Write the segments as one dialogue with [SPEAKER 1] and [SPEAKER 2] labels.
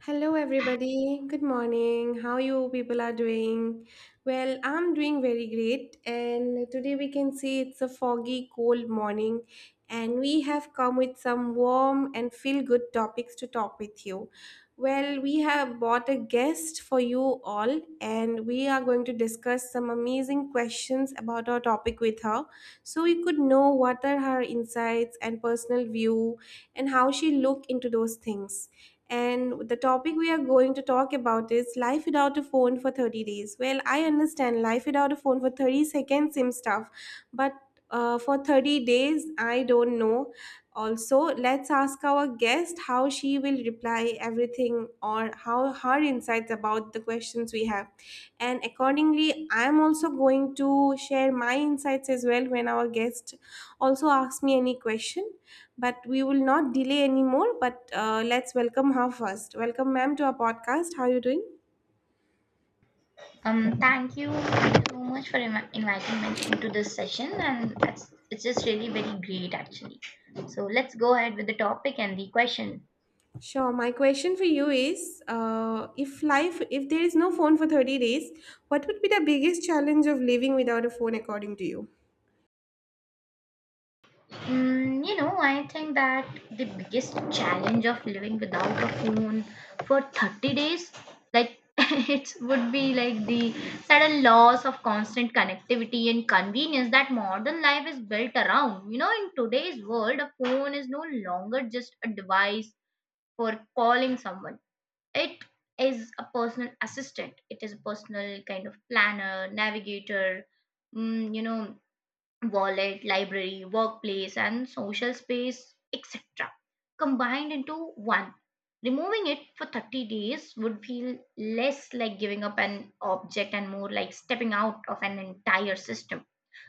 [SPEAKER 1] Hello, everybody. Good morning. How you people are doing? Well, I'm doing very great, and today we can see it's a foggy, cold morning, and we have come with some warm and feel-good topics to talk with you. Well, we have bought a guest for you all, and we are going to discuss some amazing questions about our topic with her, so you could know what are her insights and personal view, and how she look into those things. And the topic we are going to talk about is life without a phone for 30 days. Well, I understand life without a phone for 30 seconds seems tough, but for 30 days, I don't know. Also, let's ask our guest how she will reply everything or how her insights about the questions we have. And accordingly, I am also going to share my insights as well when our guest also, ask me any question, but we will not delay anymore. But let's welcome her first. Welcome, ma'am, to our podcast. How are you doing?
[SPEAKER 2] Thank you so much for inviting me into this session, and it's just really very great actually. So let's go ahead with the topic and the question.
[SPEAKER 1] Sure. My question for you is, if life, if there is no phone for 30 days, what would be the biggest challenge of living without a phone, according to you?
[SPEAKER 2] I think that the biggest challenge of living without a phone for 30 days, like it would be like the sudden loss of constant connectivity and convenience that modern life is built around. You know, in today's world, a phone is no longer just a device for calling someone. It is a personal assistant. It is a personal kind of planner, navigator, mm, you know, wallet, library, workplace, and social space, etc. combined into one. Removing it for 30 days would feel less like giving up an object and more like stepping out of an entire system.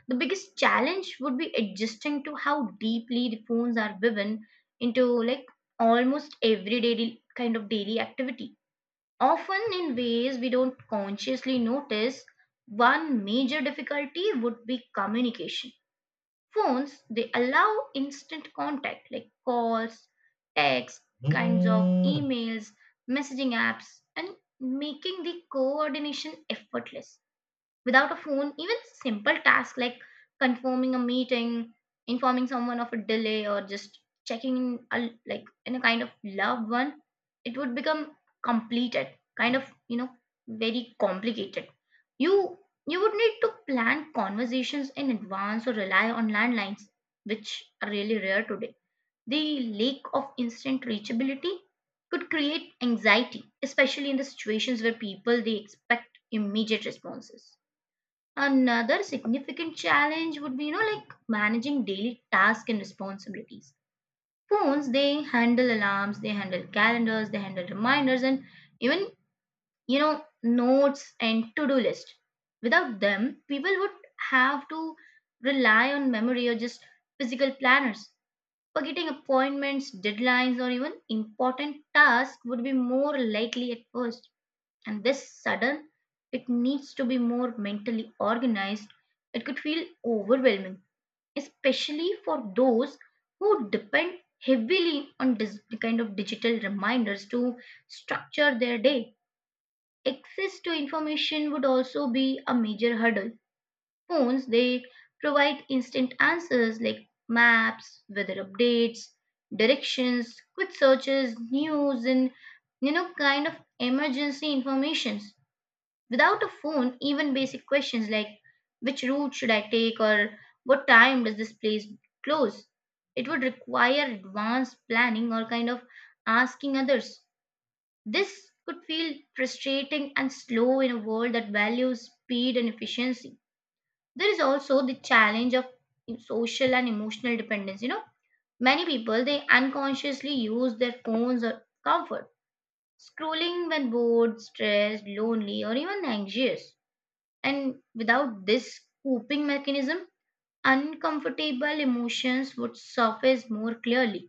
[SPEAKER 2] The biggest challenge would be adjusting to how deeply the phones are woven into like almost everyday kind of daily activity, often in ways we don't consciously notice. One major difficulty would be communication. Phones, they allow instant contact like calls, texts, kinds of emails, messaging apps, and making the coordination effortless. Without a phone, even simple tasks like confirming a meeting, informing someone of a delay, or just checking in a, like in a kind of loved one, it would become completed, kind of you know very complicated. You you would need to plan conversations in advance or rely on landlines, which are really rare today. The lack of instant reachability could create anxiety, especially in the situations where people they expect immediate responses. Another significant challenge would be, like managing daily tasks and responsibilities. Phones, they handle alarms, they handle calendars, they handle reminders, and even, notes and to do list. Without them, people would have to rely on memory or just physical planners. Forgetting appointments, deadlines, or even important tasks would be more likely at first, and this sudden it needs to be more mentally organized, it could feel overwhelming, especially for those who depend heavily on kind of digital reminders to structure their day. Access to information would also be a major hurdle. Phones, they provide instant answers like maps, weather updates, directions, quick searches, news, and kind of emergency information. Without a phone, even basic questions like which route should I take or what time does this place close? It would require advanced planning or kind of asking others. This could feel frustrating and slow in a world that values speed and efficiency. There is also the challenge of social and emotional dependence. You know, many people they unconsciously use their phones or comfort, scrolling when bored, stressed, lonely, or even anxious. And without this coping mechanism, uncomfortable emotions would surface more clearly.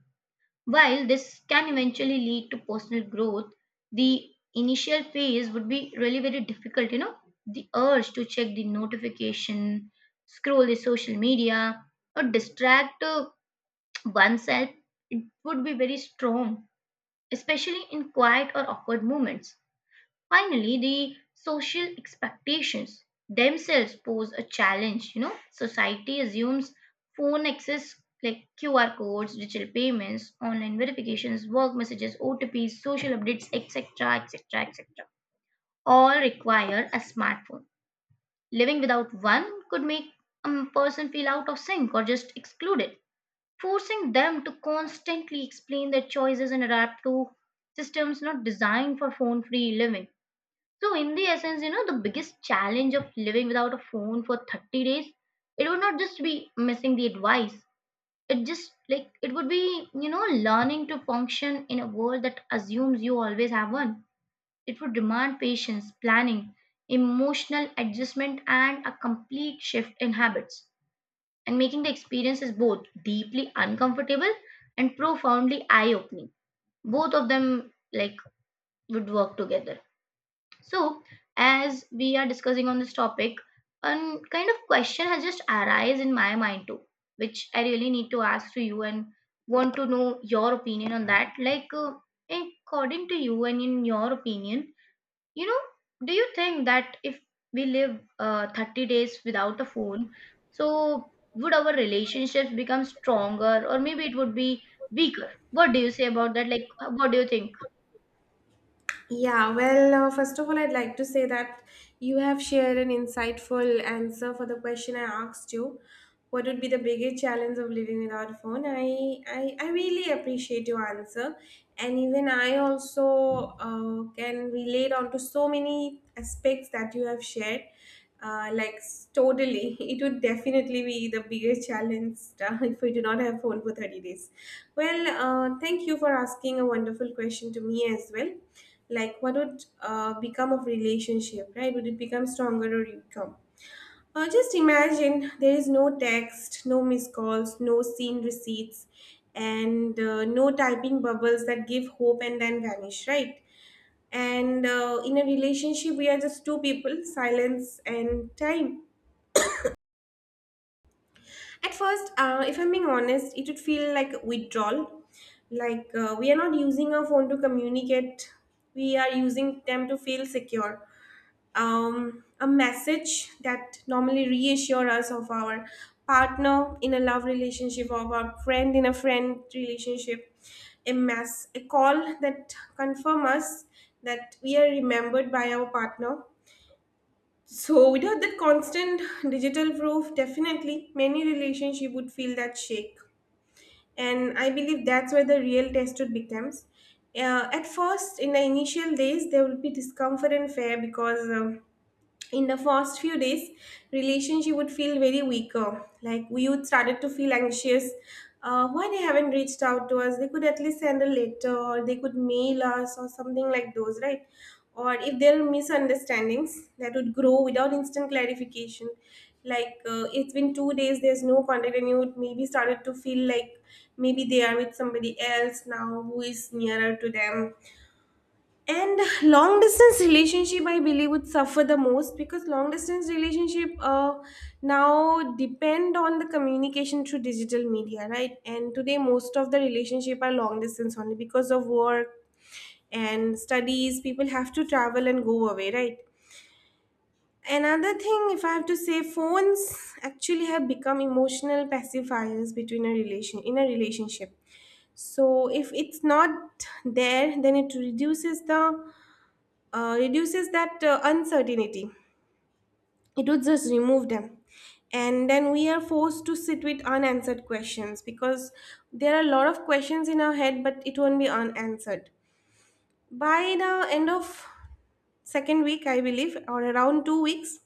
[SPEAKER 2] While this can eventually lead to personal growth, the initial phase would be really very difficult. The urge to check the notification, scroll the social media, or distract oneself, it would be very strong, especially in quiet or awkward moments. Finally, the social expectations themselves pose a challenge. You know, society assumes phone access like QR codes, digital payments, online verifications, work messages, OTPs, social updates, etc., etc., etc., all require a smartphone. Living without one could make a person feel out of sync or just excluded, forcing them to constantly explain their choices and adapt to systems not designed for phone free living. So, in the essence, the biggest challenge of living without a phone for 30 days, it would not just be missing the advice. It just like it would be, learning to function in a world that assumes you always have one. It would demand patience, planning, emotional adjustment, and a complete shift in habits. And making the experiences both deeply uncomfortable and profoundly eye opening. Both of them like would work together. So, as we are discussing on this topic, a kind of question has just arisen in my mind too, which I really need to ask to you and want to know your opinion on that. Like, according to you and in your opinion, do you think that if we live 30 days without a phone, so would our relationships become stronger or maybe it would be weaker? What do you say about that? Like, what do you think?
[SPEAKER 1] Yeah, well, first of all, I'd like to say that you have shared an insightful answer for the question I asked you. What would be the biggest challenge of living without a phone? I really appreciate your answer, and even I also can relate on to so many aspects that you have shared, like totally it would definitely be the biggest challenge, if we do not have phone for 30 days. Well, thank you for asking a wonderful question to me as well. Like what would become of relationship, right? Would it become stronger or become just imagine there is no text, no missed calls, no seen receipts, and no typing bubbles that give hope and then vanish, right? And in a relationship, we are just two people, silence and time. At first, if I'm being honest, it would feel like withdrawal. Like we are not using our phone to communicate, we are using them to feel secure. A message that normally reassure us of our partner in a love relationship, of our friend in a friend relationship, a mess, a call that confirm us that we are remembered by our partner. So without that constant digital proof, definitely many relationship would feel that shake. And I believe that's where the real test would becomes. At first, in the initial days, there will be discomfort and fear because in the first few days, relationship would feel very weaker. Like we would started to feel anxious, why they haven't reached out to us, they could at least send a letter or they could mail us or something like those, right? Or if there are misunderstandings that would grow without instant clarification, like it's been 2 days there's no contact and you would maybe started to feel like maybe they are with somebody else now who is nearer to them. And long distance relationship I believe would suffer the most, because long distance relationship now depend on the communication through digital media, right? And today most of the relationship are long distance only because of work and studies, people have to travel and go away, right? Another thing if I have to say, phones actually have become emotional pacifiers between a relation in a relationship. So if it's not there, then it reduces the reduces that uncertainty. It would just remove them. And then we are forced to sit with unanswered questions because there are a lot of questions in our head, but it won't be unanswered. By the end of second week, I believe, or around 2 weeks,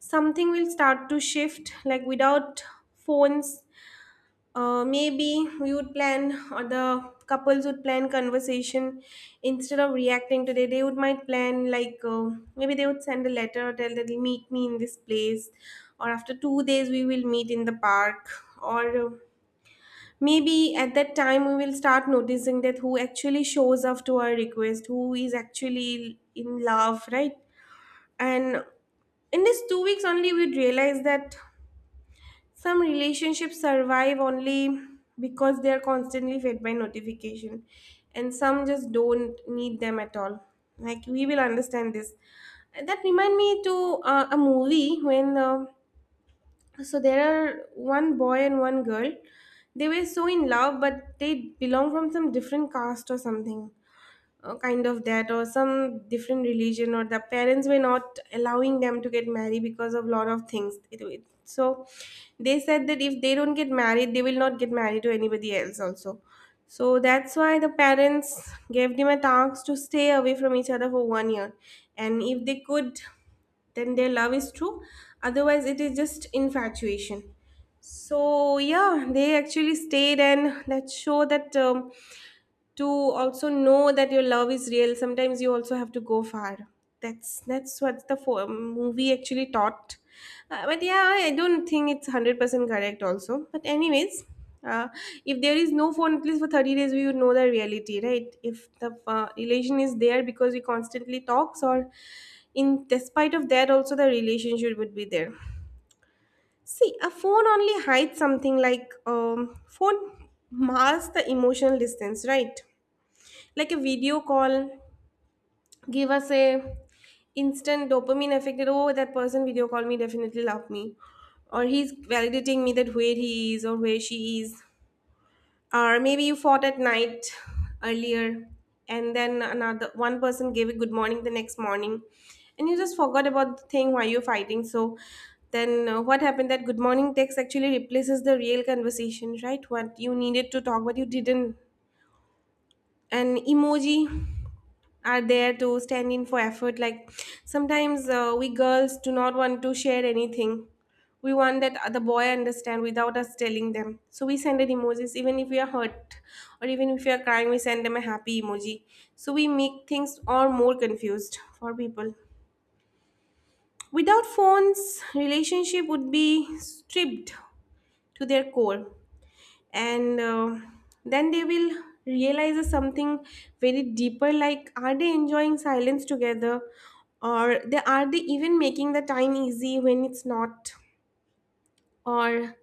[SPEAKER 1] something will start to shift. Like without phones, maybe we would plan, or the couples would plan conversation instead of reacting. Today they would might plan like maybe they would send a letter, tell that they meet me in this place, or after 2 days we will meet in the park. Or maybe at that time we will start noticing that who actually shows up to our request, who is actually in love, right? And in these 2 weeks only we'd realize that some relationships survive only because they are constantly fed by notification, and some just don't need them at all. Like we will understand this. That remind me to a movie when so there are one boy and one girl. They were so in love, but they belong from some different caste or something, kind of that, or some different religion, or the parents were not allowing them to get married because of lot of things. So they said that if they don't get married they will not get married to anybody else also. So that's why the parents gave them a task to stay away from each other for 1 year, and if they could, then their love is true, otherwise it is just infatuation. So yeah, they actually stayed, and that show that to also know that your love is real, sometimes you also have to go far. That's what the movie actually taught. But yeah, I don't think it's 100% correct also, but anyways, uh, if there is no phone at least for 30 days, we would know the reality, right? If the relation is there because we constantly talks, or in despite of that also the relationship would be there. See, a phone only hides something. Like phone masks the emotional distance, right? Like a video call give us a instant dopamine effect that oh, that person video call me, definitely love me, or he's validating me, that where he is or where she is. Or maybe you fought at night earlier, and then another one person gave a good morning the next morning, and you just forgot about the thing why you're fighting. So then what happened, that good morning text actually replaces the real conversation, right? What you needed to talk, but you didn't. An emoji are there to stand in for effort. Like sometimes we girls do not want to share anything, we want that the boy understand without us telling them, so we send an emojis even if we are hurt, or even if we are crying we send them a happy emoji. So we make things all more confused for people. Without phones, relationship would be stripped to their core, and then they will realize something very deeper, like are they enjoying silence together, or they are they even making the time easy when it's not, or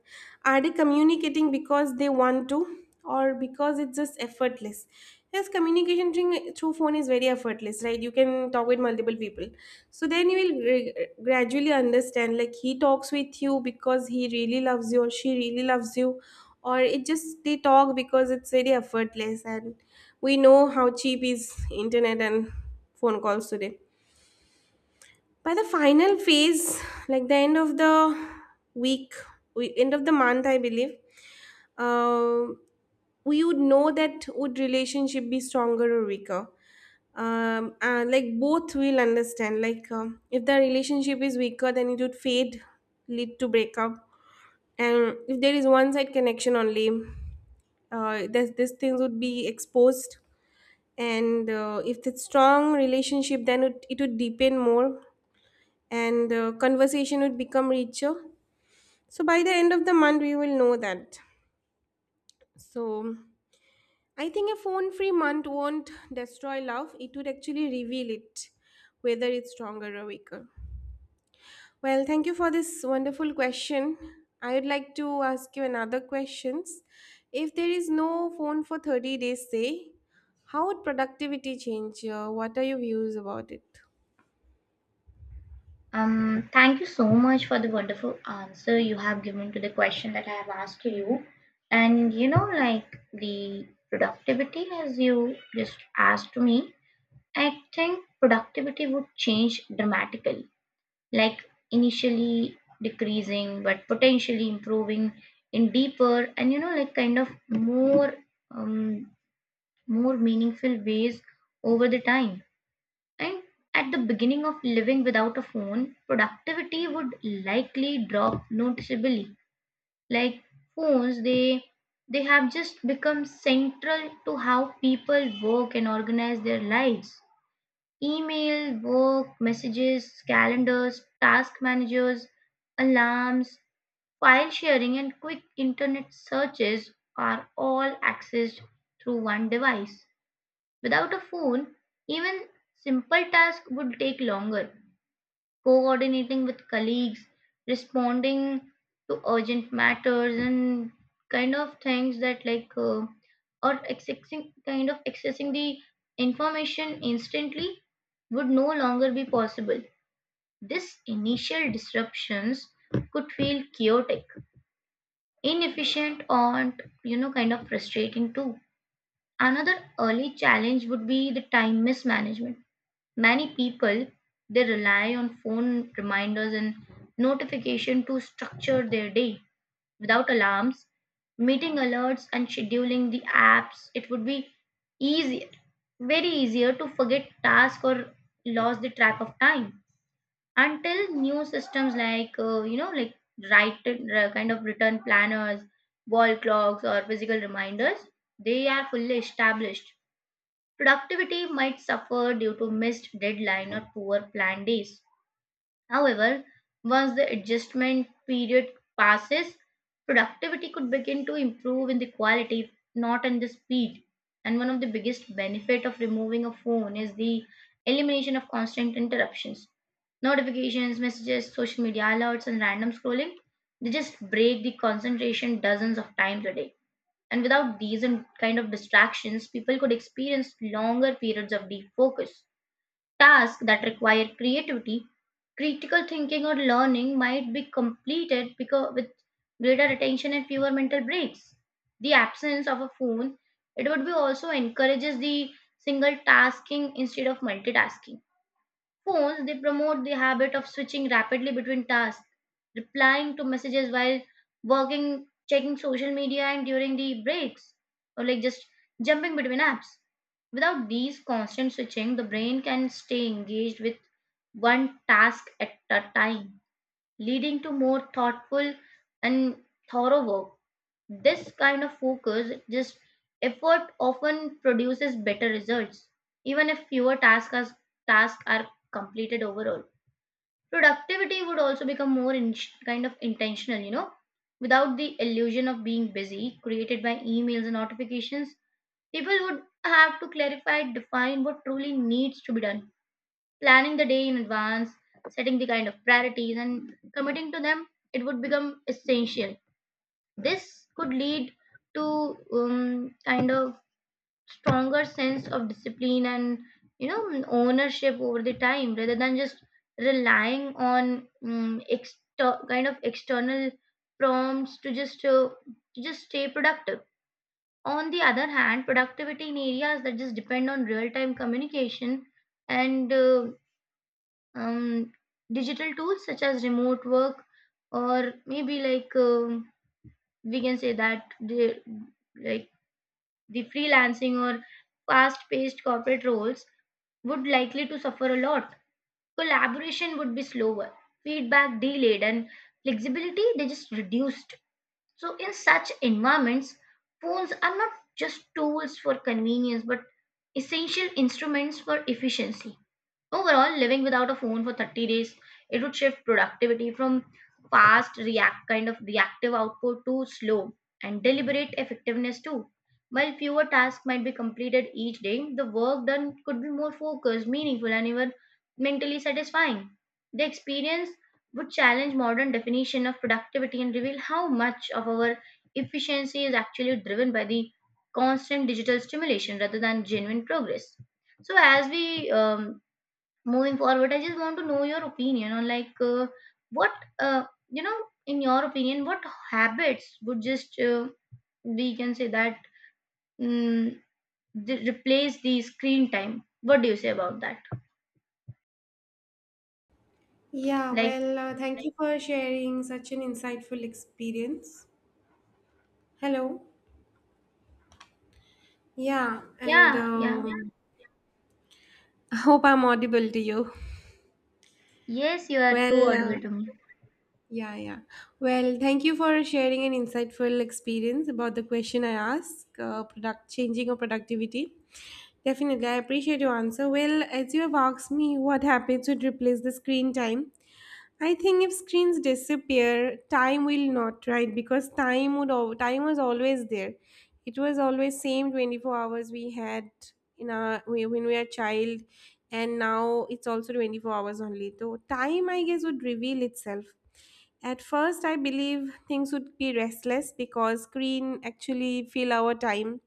[SPEAKER 1] are they communicating because they want to, or because it's just effortless? Yes, communication thing through phone is very effortless, right? You can talk with multiple people. So then you will gradually understand like he talks with you because he really loves you, or she really loves you, or it just they talk because it's very effortless. And we know how cheap is internet and phone calls today. By the final phase, like the end of the week, we, end of the month I believe, uh, we would know that would relationship be stronger or weaker. And like both will understand like if the relationship is weaker then it would fade, lead to breakup. And if there is one side connection only, these things would be exposed. And if it's strong relationship then it would deepen more, and conversation would become richer. So by the end of the month, we will know that. So I think a phone free month won't destroy love, it would actually reveal it, whether it's stronger or weaker. Well, thank you for this wonderful question. I would like to ask you another questions. If there is no phone for 30 days, say, how would productivity change? What are your views about it?
[SPEAKER 2] Thank you so much for the wonderful answer you have given to the question that I have asked you. And the productivity, as you just asked me, I think productivity would change dramatically, like initially decreasing, but potentially improving in deeper and kind of more, um, more meaningful ways over the time. And at the beginning of living without a phone, productivity would likely drop noticeably. Like phones, they have just become central to how people work and organize their lives. Email, work, messages, calendars, task managers, alarms, file sharing, and quick internet searches are all accessed through one device. Without a phone, even simple tasks would take longer coordinating with colleagues, responding to urgent matters and kind of things that or accessing kind of accessing the information instantly would no longer be possible. This initial disruptions could feel chaotic, inefficient, and kind of frustrating too. Another early challenge would be the time mismanagement. Many people they rely on phone reminders and notification to structure their day. Without alarms, meeting alerts and scheduling the apps, it would be easier, very easier to forget task or lose the track of time until new systems like right kind of return planners, wall clocks or physical reminders they are fully established. Productivity might suffer due to missed deadline or poor planned days. However, once the adjustment period passes, productivity could begin to improve in the quality, not in the speed. And one of the biggest benefit of removing a phone is the elimination of constant interruptions. Notifications, messages, social media alerts, and random scrolling, they just break the concentration dozens of times a day, and without these and kind of distractions, people could experience longer periods of deep focus. Tasks that require creativity, critical thinking, or learning might be completed because with greater attention and fewer mental breaks. The absence of a phone, it would be also encourages the single tasking instead of multitasking. Phones, they promote the habit of switching rapidly between tasks, replying to messages while working, checking social media, and during the breaks, or like just jumping between apps. Without these constant switching, the brain can stay engaged with one task at a time, leading to more thoughtful and thorough work. This kind of focus, just effort often produces better results, even if tasks are completed overall. Productivity would also become more in, kind of intentional, without the illusion of being busy created by emails and notifications. People would have to clarify, define what truly needs to be done. Planning the day in advance, setting the kind of priorities, and committing to them, it would become essential. This could lead to kind of stronger sense of discipline and ownership over the time rather than just relying on kind of external prompts to just stay productive. On the other hand, productivity in areas that just depend on real-time communication and um, digital tools such as remote work or maybe like we can say that like the freelancing or fast-paced corporate roles would likely to suffer a lot. Collaboration would be slower, feedback delayed, and flexibility they just reduced. So in such environments, phones are not just tools for convenience, but essential instruments for efficiency. Overall, living without a phone for 30 days, it would shift productivity from fast react kind of reactive output to slow and deliberate effectiveness too. While fewer tasks might be completed each day, the work done could be more focused, meaningful, and even mentally satisfying. The experience would challenge modern definition of productivity and reveal how much of our efficiency is actually driven by the constant digital stimulation rather than genuine progress. So as we Moving forward, I just want to know your opinion on, like, what uh, you know in your opinion, what habits would just we can say that mm, replace the screen time? What do you say about that?
[SPEAKER 1] Yeah,
[SPEAKER 2] Like,
[SPEAKER 1] well, thank you for sharing such an insightful experience. Hello. Yeah, and
[SPEAKER 2] yeah, yeah.
[SPEAKER 1] I hope I'm audible to you.
[SPEAKER 2] Yes, you are too
[SPEAKER 1] Well,
[SPEAKER 2] audible to me.
[SPEAKER 1] yeah, yeah. Well, thank you for sharing an insightful experience about the question I asked, product changing or productivity. Definitely, I appreciate your answer. Well, as you have asked me, what happens would replace the screen time? I think if screens disappear, time will not, right? Because time would time was always there. It was always same 24 hours we had in our when we are child, and now it's also 24 hours only. So time I guess would reveal itself. At first I believe things would be restless because screen actually fill our time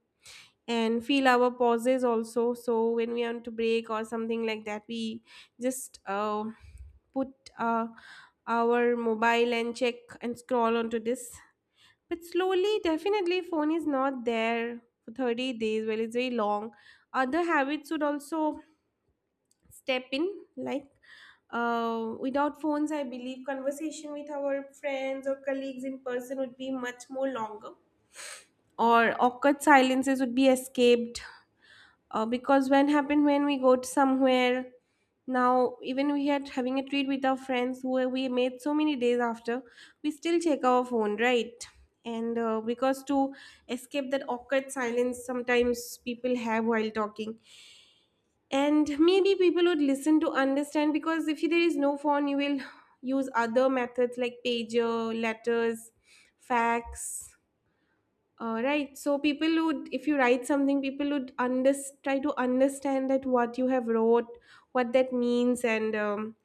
[SPEAKER 1] and feel our pauses also, so when we want to break or something like that, we just put uh, our mobile and check and scroll onto this. But slowly definitely phone is not there for 30 days. Well, it's very long. Other habits would also step in, like without phones I believe conversation with our friends or colleagues in person would be much more longer, or awkward silences would be escaped. Because when happened when we go to somewhere, now even we had having a treat with our friends who we made so many days after, we still check our phone, right? And because to escape that awkward silence sometimes people have while talking. And maybe people would listen to understand, because if there is no phone, you will use other methods like pager, letters, fax. Right. So people would, if you write something, people would under try to understand that what you have wrote, what that means, and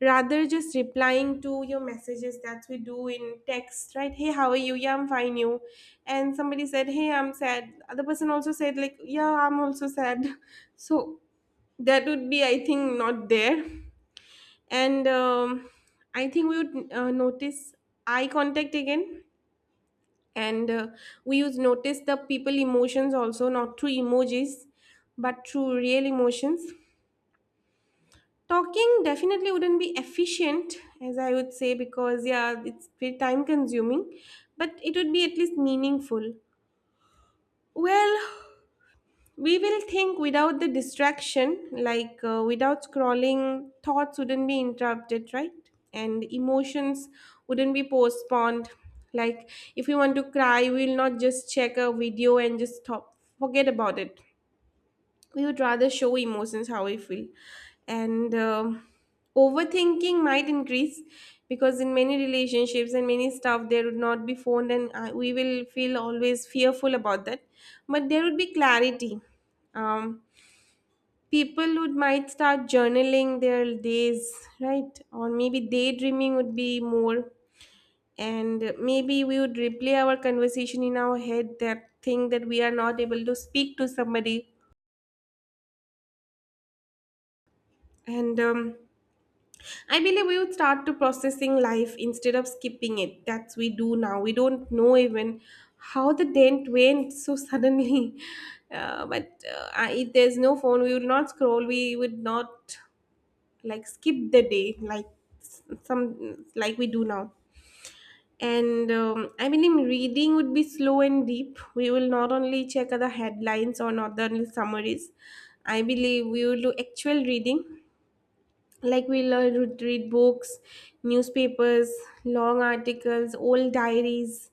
[SPEAKER 1] rather just replying to your messages that we do in text, right? Hey, how are you? Yeah, I'm fine. You, and somebody said, Hey, I'm sad. Other person also said like, Yeah, I'm also sad. So that would be, I think, not there. And I think we would notice eye contact again and we use notice the people emotions also, not through emojis but through real emotions. Talking definitely wouldn't be efficient, as I would say, because yeah, it's very time consuming, but it would be at least meaningful. Well, we will think without the distraction, like without scrolling thoughts wouldn't be interrupted, right? And emotions wouldn't be postponed, like if we want to cry, we'll not just check a video and just stop forget about it. We would rather show emotions how we feel. And overthinking might increase, because in many relationships and many stuff there would not be phone, and we will feel always fearful about that. But there would be clarity. um, People would might start journaling their days, right? Or maybe daydreaming would be more, and maybe we would replay our conversation in our head, that thing that we are not able to speak to somebody. And I believe we would start to processing life instead of skipping it. That's we do now. We don't know even how the dent went so suddenly. But I, if there's no phone, we would not scroll. We would not like skip the day like some like we do now. And I believe reading would be slow and deep. We will not only check other headlines or not the only summaries. I believe we will do actual reading, like we learn to read books, newspapers, long articles, old diaries.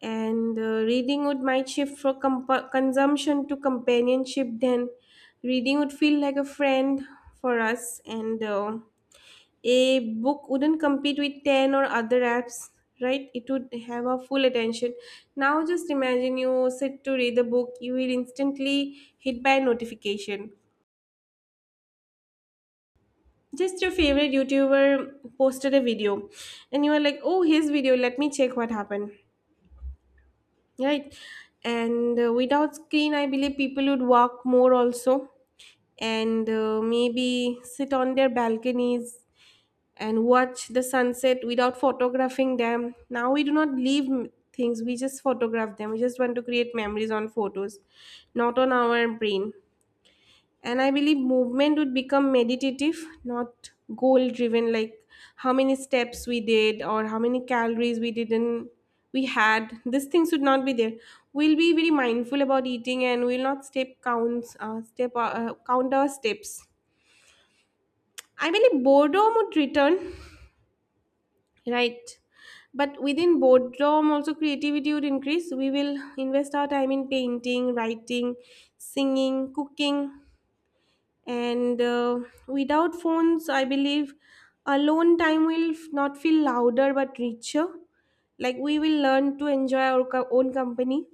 [SPEAKER 1] And reading would might shift from consumption to companionship. Then reading would feel like a friend for us, and a book wouldn't compete with 10 or other apps. Right, it would have our full attention. Now just imagine you sit to read a book, you will instantly hit by a notification. Just your favorite youtuber posted a video, and you were like, oh, his video, let me check what happened, right? And without screen I believe people would walk more also, and maybe sit on their balconies and watch the sunset without photographing them. Now we do not leave things, we just photograph them. We just want to create memories on photos, not on our brain. And I believe movement would become meditative, not goal driven, like how many steps we did or how many calories we didn't. We had these things should not be there. We'll be very mindful about eating and we'll not step counts, step count our steps. I believe boredom would return, right? But within boredom also creativity would increase. We will invest our time in painting, writing, singing, cooking. And Without phones I believe alone time will not feel louder but richer. Like we will learn to enjoy our own company,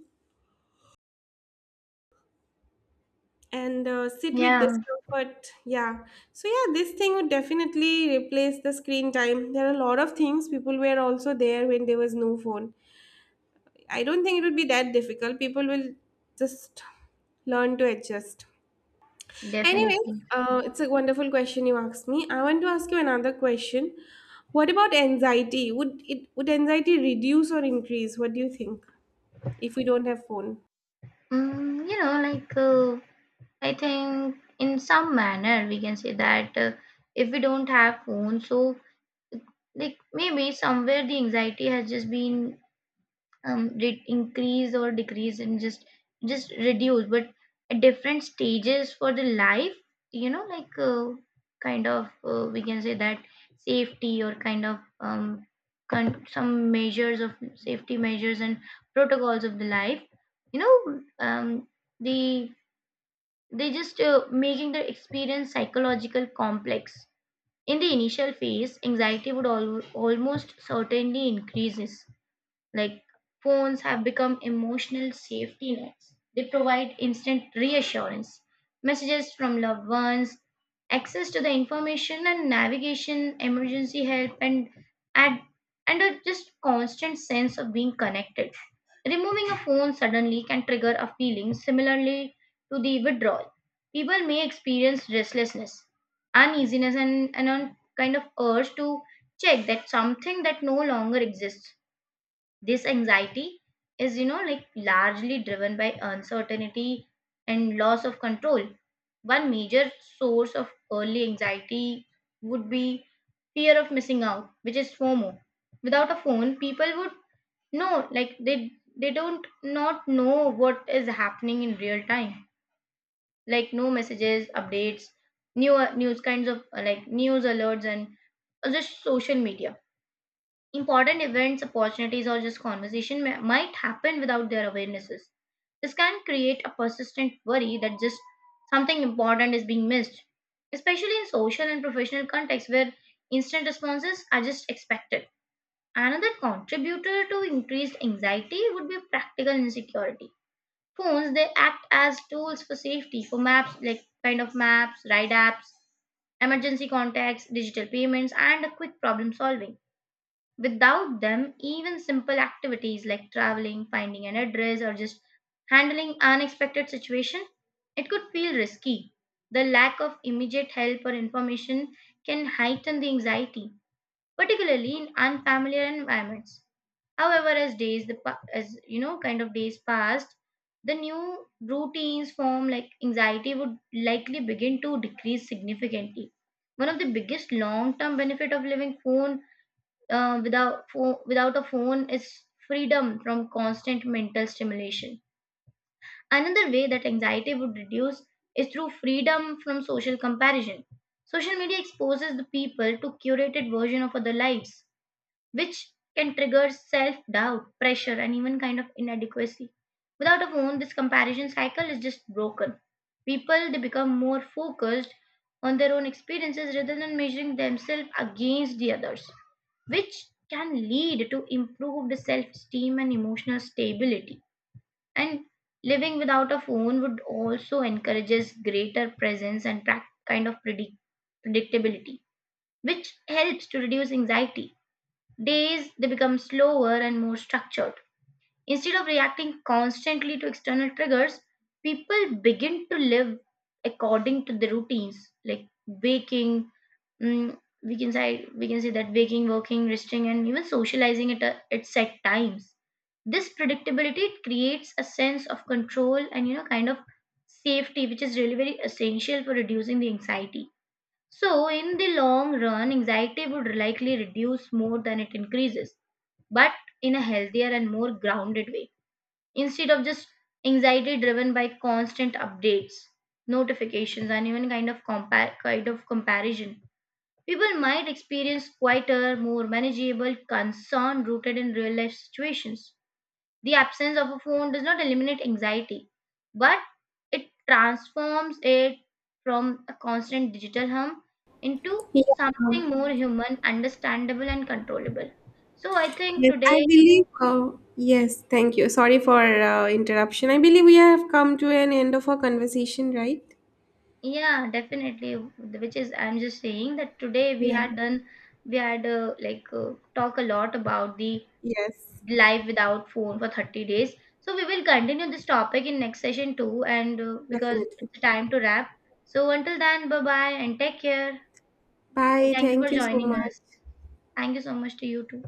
[SPEAKER 1] and sit with
[SPEAKER 2] Yeah,
[SPEAKER 1] discomfort, yeah. So yeah, this thing would definitely replace the screen time. There are a lot of things, people were also there when there was no phone. I don't think it would be that difficult. People will just learn to adjust. Anyways,
[SPEAKER 2] definitely.
[SPEAKER 1] it's a wonderful question you asked me. I want to ask you another question. What about anxiety? Would it would anxiety reduce or increase? What do you think if we don't have phone?
[SPEAKER 2] You know, like, I think in some manner we can say that, if we don't have phone, so, like, maybe somewhere the anxiety has just been increase or decrease and just reduce, but at different stages for the life. You know, like, we can say that safety or kind of some measures of safety measures and protocols of the life, you know. um the they just making the experience psychological complex. In the initial phase, anxiety would almost certainly increases. Like, phones have become emotional safety nets. They provide instant reassurance, messages from loved ones, access to the information and navigation, emergency help, and, and a just constant sense of being connected. Removing a phone suddenly can trigger a feeling similarly to the withdrawal. People may experience restlessness, uneasiness, and a kind of urge to check that something that no longer exists. This anxiety is, you know, like, largely driven by uncertainty and loss of control. One major source of early anxiety would be fear of missing out, which is FOMO. Without a phone, people would, know like they don't not know what is happening in real time. Like, no messages, updates, new news kinds of, like, news alerts and just social media. Important events, opportunities, or just conversation may, might happen without their awarenesses. This can create a persistent worry that just something important is being missed, especially in social and professional contexts where instant responses are just expected. Another contributor to increased anxiety would be practical insecurity. Phones, they act as tools for safety, for maps, like kind of maps, ride apps, emergency contacts, digital payments, and a quick problem solving. Without them, even simple activities like traveling, finding an address, or just handling unexpected situation, it could feel risky. The lack of immediate help or information can heighten the anxiety, particularly in unfamiliar environments. However, as days the as you know, kind of days passed, the new routines form, like anxiety would likely begin to decrease significantly. One of the biggest long-term benefit of living phone, without a phone, is freedom from constant mental stimulation. Another way that anxiety would reduce is through freedom from social comparison. Social media exposes the people to curated version of other lives, which can trigger self doubt, pressure, and even kind of inadequacy. Without a phone, this comparison cycle is just broken. People, they become more focused on their own experiences rather than measuring themselves against the others, which can lead to improved self esteem and emotional stability. And living without a phone would also encourages greater presence and predictability, which helps to reduce anxiety. Days, they become slower and more structured. Instead of reacting constantly to external triggers, people begin to live according to the routines, like waking. Mm, we can say that waking, working, resting, and even socializing at set times. This predictability, it creates a sense of control and, you know, kind of safety, which is really very essential for reducing the anxiety. So in the long run, anxiety would likely reduce more than it increases, but in a healthier and more grounded way. Instead of just anxiety driven by constant updates, notifications, and even kind of comparison, people might experience quieter, more manageable concern rooted in real life situations. The absence of a phone does not eliminate anxiety, but it transforms it from a constant digital hum into
[SPEAKER 1] Yeah.
[SPEAKER 2] something more human, understandable, and controllable. So I think
[SPEAKER 1] Yes,
[SPEAKER 2] today.
[SPEAKER 1] I believe. Yes, thank you. Sorry for interruption. I believe we have come to an end of our conversation, right?
[SPEAKER 2] Yeah, definitely. Which is, I'm just saying that today we
[SPEAKER 1] Yeah.
[SPEAKER 2] had done, we had talk a lot about the
[SPEAKER 1] Yes,
[SPEAKER 2] life without phone for 30 days. So we will continue this topic in next session too, and because
[SPEAKER 1] definitely.
[SPEAKER 2] it's time to wrap. So until then, bye bye and take care. And
[SPEAKER 1] Bye.
[SPEAKER 2] thank you for
[SPEAKER 1] Thank you so
[SPEAKER 2] joining us.
[SPEAKER 1] much.
[SPEAKER 2] Thank you so much to you too.